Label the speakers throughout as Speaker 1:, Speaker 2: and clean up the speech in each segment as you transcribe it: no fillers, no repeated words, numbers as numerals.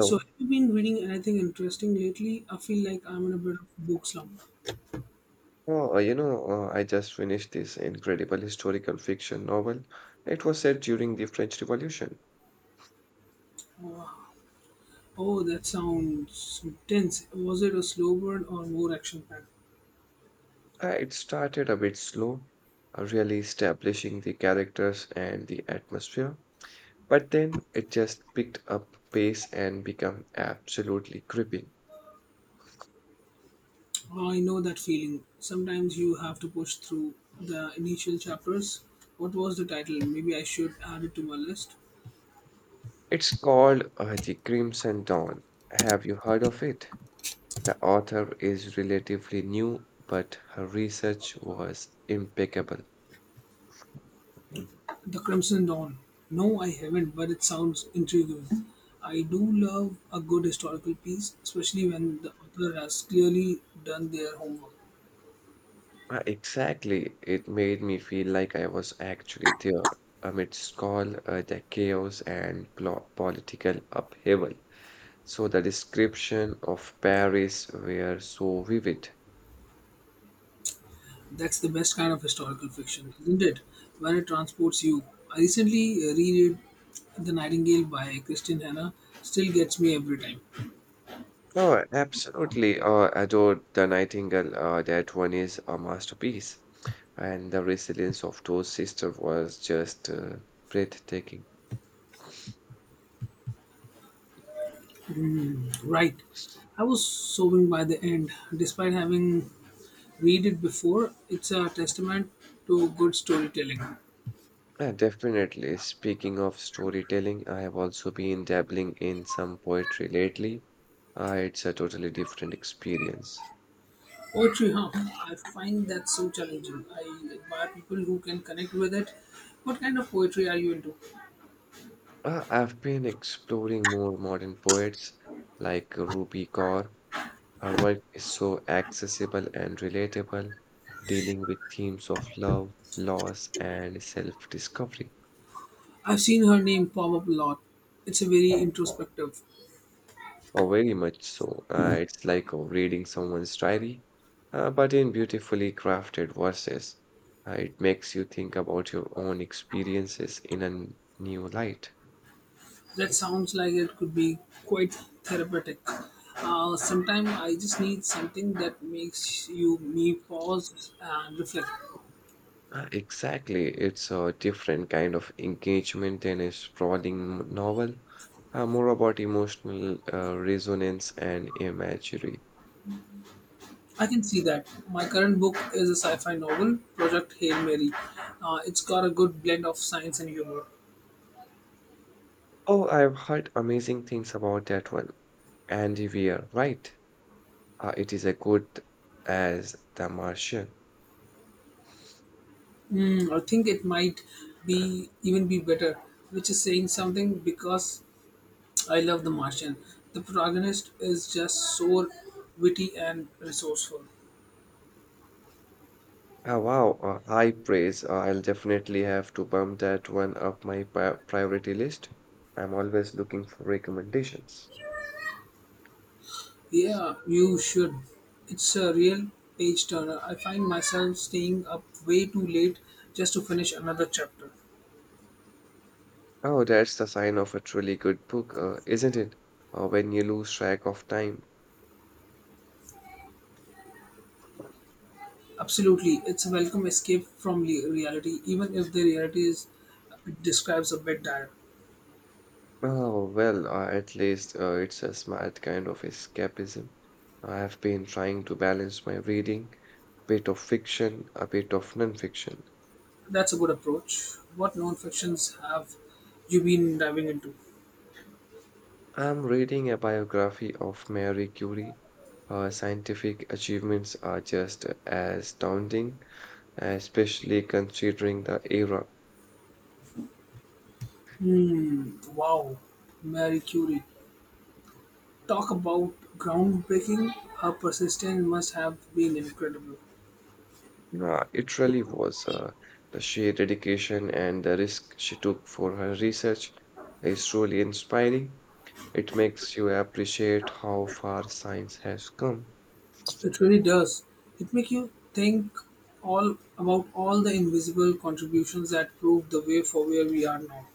Speaker 1: So, have you been reading anything interesting lately? I feel like I'm in a bit of a book slump.
Speaker 2: I just finished this incredible historical fiction novel. It was set during the French Revolution.
Speaker 1: Uh, oh, that sounds intense. Was it a slow burn or more action packed?
Speaker 2: It started a bit slow, really establishing the characters and the atmosphere, but then it just picked up pace and became absolutely gripping.
Speaker 1: I know that feeling. Sometimes you have to push through the initial chapters. What was the title? Maybe I should add it to my list.
Speaker 2: It's called The Crimson Dawn. Have you heard of it? The author is relatively new, but her research was impeccable.
Speaker 1: The Crimson Dawn. No, I haven't, but it sounds intriguing. I do love a good historical piece, especially when the author has clearly done their homework.
Speaker 2: Exactly. It made me feel like I was actually there amidst all the chaos and political upheaval. So the description of Paris were so vivid.
Speaker 1: That's the best kind of historical fiction, isn't it? When it transports you. I recently reread The Nightingale by Christian Hanna. Still gets me every time.
Speaker 2: Oh, absolutely. Adored the Nightingale. That one is a masterpiece. And the resilience of those sisters was just breathtaking.
Speaker 1: Right. I was sobbing by the end, despite having read it before. It's a testament to good storytelling.
Speaker 2: Yeah, definitely. Speaking of storytelling, I have also been dabbling in some poetry lately. It's a totally different experience.
Speaker 1: Poetry, huh? I find that so challenging. I admire people who can connect with it. What kind of poetry are you into?
Speaker 2: I've been exploring more modern poets like Rupi Kaur. Her work is so accessible and relatable, dealing with themes of love, loss, and self-discovery.
Speaker 1: I've seen her name pop up a lot. It's a very introspective.
Speaker 2: Oh, very much so. It's like reading someone's diary, but in beautifully crafted verses. It makes you think about your own experiences in a new light.
Speaker 1: That sounds like it could be quite therapeutic. Sometimes I just need something that makes you me pause and reflect.
Speaker 2: Exactly. It's a different kind of engagement than a sprawling novel, more about emotional resonance and imagery.
Speaker 1: I can see that. My current book is a sci-fi novel, Project Hail Mary. It's got a good blend of science and humor.
Speaker 2: Oh, I've heard amazing things about that one. Andy Weir, right? It is as good as The Martian.
Speaker 1: Hmm, I think it might be even be better, which is saying something because I love The Martian. The protagonist is just so witty and resourceful.
Speaker 2: Oh, wow, high praise. I'll definitely have to bump that one up my priority list. I'm always looking for recommendations.
Speaker 1: Yeah, you should. It's a real page turner. I find myself staying up way too late just to finish another chapter.
Speaker 2: Oh, that's the sign of a truly good book, isn't it? When you lose track of time.
Speaker 1: Absolutely, it's a welcome escape from reality, even if the reality is it describes a bit dire.
Speaker 2: Oh, well, at least it's a smart kind of escapism. I have been trying to balance my reading, a bit of fiction, a bit of non-fiction.
Speaker 1: That's a good approach. What non-fictions have you been diving into?
Speaker 2: I'm reading a biography of Marie Curie. Her scientific achievements are just as astounding, especially considering the era.
Speaker 1: Hmm. Wow, Mary Curie. Talk about groundbreaking. Her persistence must have been incredible.
Speaker 2: It really was, the sheer dedication and the risk she took for her research is truly inspiring. It makes you appreciate how far science has come.
Speaker 1: It really does. It makes you think all about all the invisible contributions that proved the way for where we are now.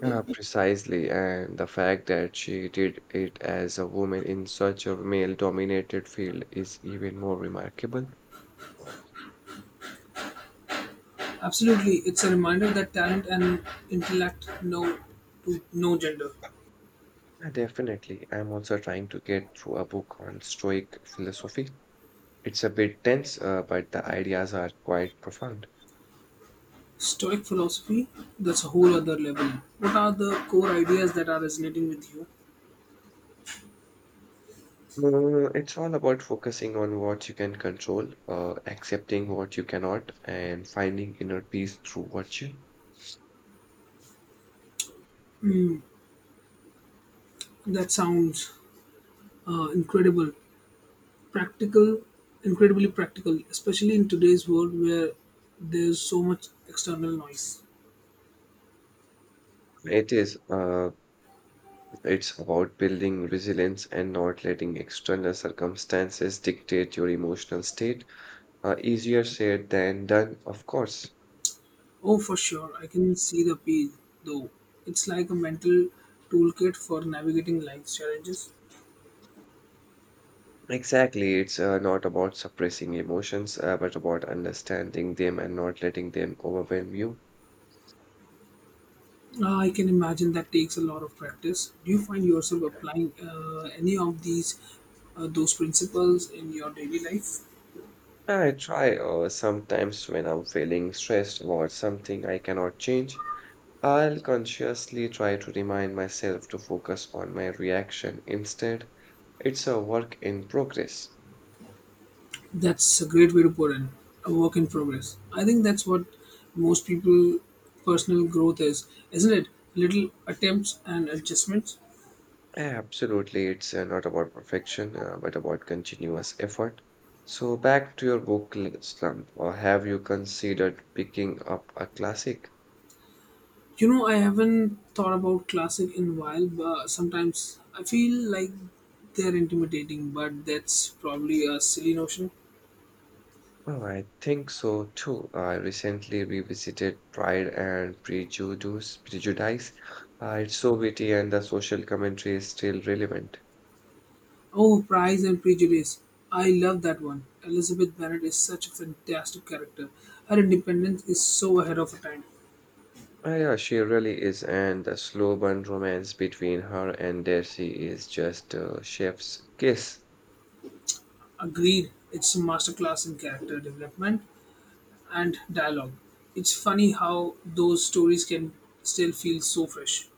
Speaker 2: Precisely, and the fact that she did it as a woman in such a male-dominated field is even more remarkable.
Speaker 1: Absolutely, it's a reminder that talent and intellect know to no gender.
Speaker 2: Yeah, definitely. I'm also trying to get through a book on Stoic philosophy. It's a bit dense, but the ideas are quite profound.
Speaker 1: Stoic philosophy, that's a whole other level. What are the core ideas that are resonating with you?
Speaker 2: It's all about focusing on what you can control, accepting what you cannot, and finding inner peace through virtue.
Speaker 1: That sounds uh, incredible, practical, incredibly practical, especially in today's world where there's so much external noise.
Speaker 2: It is, it's about building resilience and not letting external circumstances dictate your emotional state. Easier said than done, of course.
Speaker 1: Oh, for sure. I can see the appeal, though. It's like a mental toolkit for navigating life's challenges.
Speaker 2: Exactly. It's not about suppressing emotions, but about understanding them and not letting them overwhelm you.
Speaker 1: I can imagine that takes a lot of practice. Do you find yourself applying any of these those principles in your daily life?
Speaker 2: I try, sometimes when I'm feeling stressed about something I cannot change, I'll consciously try to remind myself to focus on my reaction instead. It's a work in progress.
Speaker 1: That's a great way to put in a work in progress. I think that's what most people personal growth is, isn't it? Little attempts and adjustments.
Speaker 2: Absolutely. It's not about perfection, but about continuous effort. So, back to your book, Slump, or have you considered picking up a classic?
Speaker 1: You know, I haven't thought about classic in a while, but sometimes I feel like they're intimidating, but that's probably a silly notion.
Speaker 2: Oh, I think so too. I recently revisited Pride and Prejudice. It's so witty and the social commentary is still relevant.
Speaker 1: Oh, Pride and Prejudice. I love that one. Elizabeth Bennet is such a fantastic character. Her independence is so ahead of her time.
Speaker 2: Yeah, she really is, and the slow burn romance between her and Darcy is just a chef's kiss.
Speaker 1: Agreed, it's a masterclass in character development and dialogue. It's funny how those stories can still feel so fresh.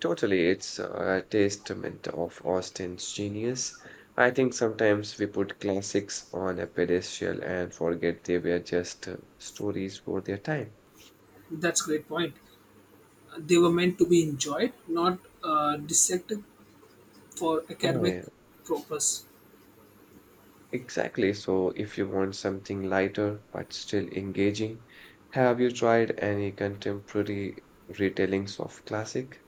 Speaker 2: Totally, it's a testament of Austen's genius. I think sometimes we put classics on a pedestal and forget they were just stories for their time.
Speaker 1: That's a great point. They were meant to be enjoyed, not dissected for
Speaker 2: Oh,
Speaker 1: academic
Speaker 2: yeah.
Speaker 1: purpose.
Speaker 2: Exactly. So, if you want something lighter but still engaging, have you tried any contemporary retellings of classic?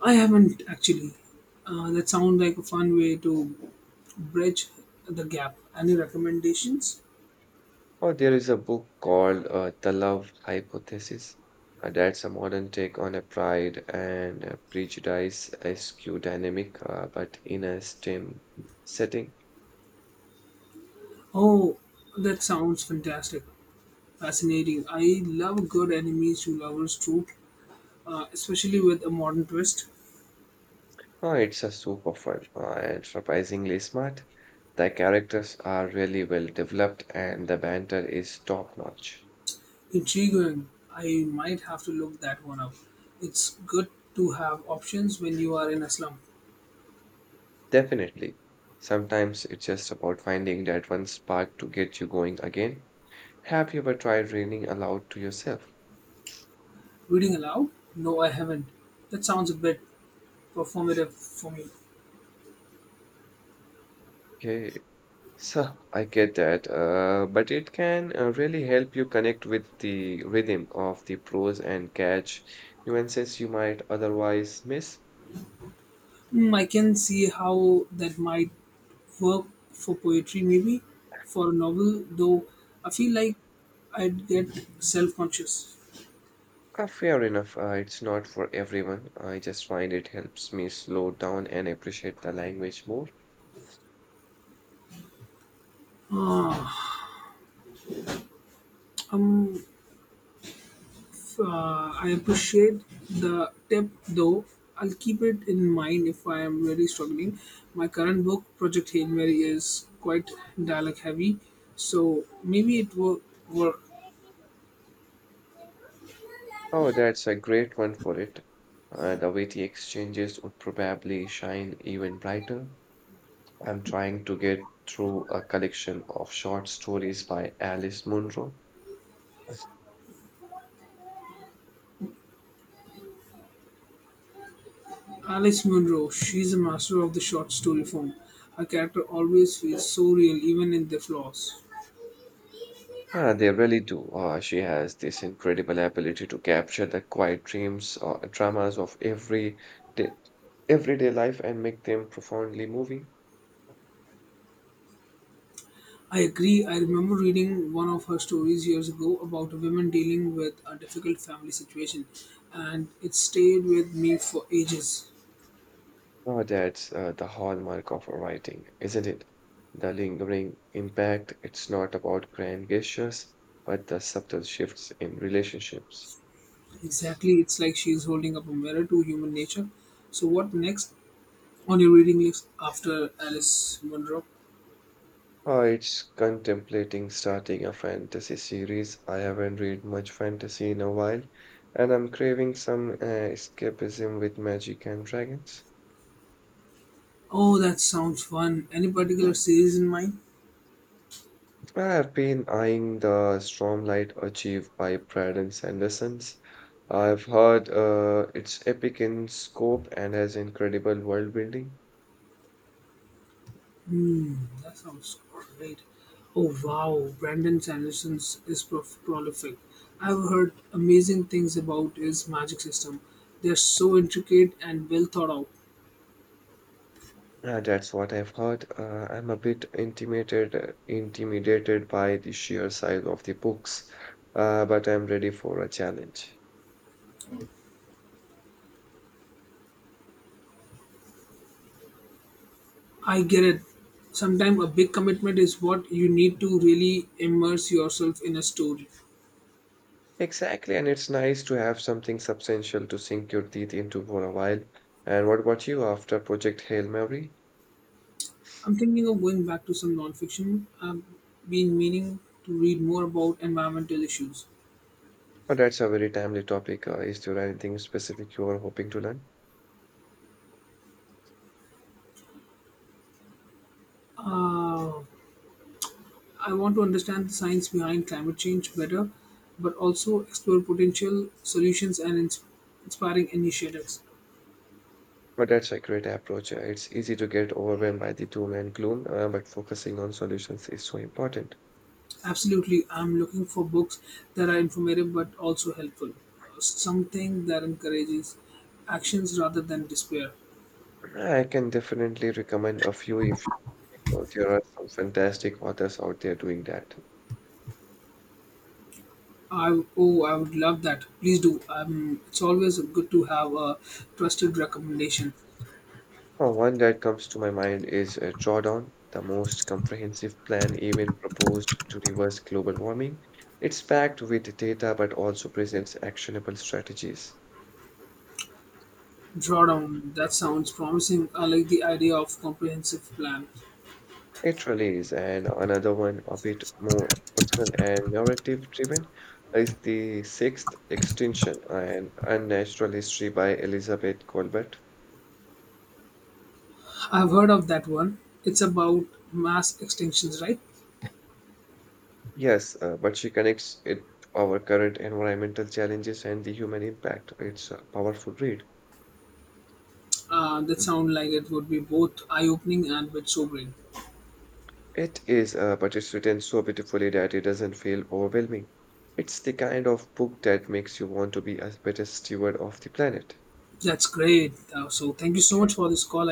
Speaker 1: I haven't actually. That sounds like a fun way to bridge the gap. Any recommendations?
Speaker 2: Or there is a book called The Love Hypothesis. That's a modern take on a Pride and Prejudice SQ dynamic, but in a STEM setting.
Speaker 1: Oh, that sounds fantastic. Fascinating. I love a good enemies to lovers trope, especially with a modern twist.
Speaker 2: Oh, it's a super fun and surprisingly smart. The characters are really well developed, and the banter is top notch.
Speaker 1: Intriguing. I might have to look that one up. It's good to have options when you are in a slump.
Speaker 2: Definitely. Sometimes it's just about finding that one spark to get you going again. Have you ever tried reading aloud to yourself?
Speaker 1: Reading aloud? No, I haven't. That sounds a bit performative for me.
Speaker 2: Okay, so I get that, but it can really help you connect with the rhythm of the prose and catch nuances you might otherwise miss.
Speaker 1: Mm, I can see how that might work for poetry, maybe for a novel, though I feel like I'd get self conscious.
Speaker 2: Fair enough, it's not for everyone. I just find it helps me slow down and appreciate the language more.
Speaker 1: Um, I appreciate the tip, though. I'll keep it in mind if I am really struggling. My current book, Project Hail Mary, is quite dialogue heavy, so maybe it will work.
Speaker 2: Oh, that's a great one for it. The witty exchanges would probably shine even brighter. I'm trying to get through a collection of short stories by Alice Munro.
Speaker 1: Alice Munro, she's a master of the short story form. Her character always feels so real, even in their flaws.
Speaker 2: Ah, they really do. She has this incredible ability to capture the quiet dreams or dramas of day, everyday life and make them profoundly moving.
Speaker 1: I agree. I remember reading one of her stories years ago about a woman dealing with a difficult family situation, and it stayed with me for ages.
Speaker 2: Oh, that's the hallmark of writing, isn't it? The lingering impact. It's not about grand gestures, but the subtle shifts in relationships.
Speaker 1: Exactly, it's like she's holding up a mirror to human nature. So, what next on your reading list after Alice Munro?
Speaker 2: Oh, it's contemplating starting a fantasy series. I haven't read much fantasy in a while, and I'm craving some escapism with magic and dragons.
Speaker 1: Oh, that sounds fun. Any particular series in mind?
Speaker 2: I have been eyeing the Stormlight achieved by Brandon Sandersons. I've heard it's epic in scope and has incredible world building.
Speaker 1: Mm, that sounds great. Oh wow, Brandon Sanderson is prolific. I've heard amazing things about his magic system. They're so intricate and well thought out.
Speaker 2: That's what I've heard. I'm a bit intimidated by the sheer size of the books, but I'm ready for a challenge.
Speaker 1: I get it. Sometimes a big commitment is what you need to really immerse yourself in a story.
Speaker 2: Exactly, and it's nice to have something substantial to sink your teeth into for a while. And what about you after Project Hail Mary?
Speaker 1: I'm thinking of going back to some nonfiction. I've been meaning to read more about environmental issues.
Speaker 2: But that's a very timely topic. Is there anything specific you are hoping to learn?
Speaker 1: Uh, I want to understand the science behind climate change better, but also explore potential solutions and inspiring initiatives.
Speaker 2: But that's a great approach. It's easy to get overwhelmed by the doom and gloom, but focusing on solutions is so important.
Speaker 1: Absolutely, I'm looking for books that are informative but also helpful. Something that encourages actions rather than despair.
Speaker 2: I can definitely recommend a few if, oh, there are some fantastic authors out there doing that.
Speaker 1: I would love that. Please do. It's always good to have a trusted recommendation.
Speaker 2: One that comes to my mind is Drawdown, the most comprehensive plan even proposed to reverse global warming. It's packed with data but also presents actionable strategies.
Speaker 1: Drawdown. That sounds promising. I like the idea of comprehensive plan.
Speaker 2: It really is, and another one a bit more personal and narrative driven is The Sixth Extinction and Unnatural History by Elizabeth Colbert.
Speaker 1: I've heard of that one. It's about mass extinctions, right?
Speaker 2: Yes, but she connects it our current environmental challenges and the human impact. It's a powerful read.
Speaker 1: That sound like it would be both eye-opening and a bit sobering.
Speaker 2: It is, but it's written so beautifully that it doesn't feel overwhelming. It's the kind of book that makes you want to be a better steward of the planet.
Speaker 1: That's great. So thank you so much for this call.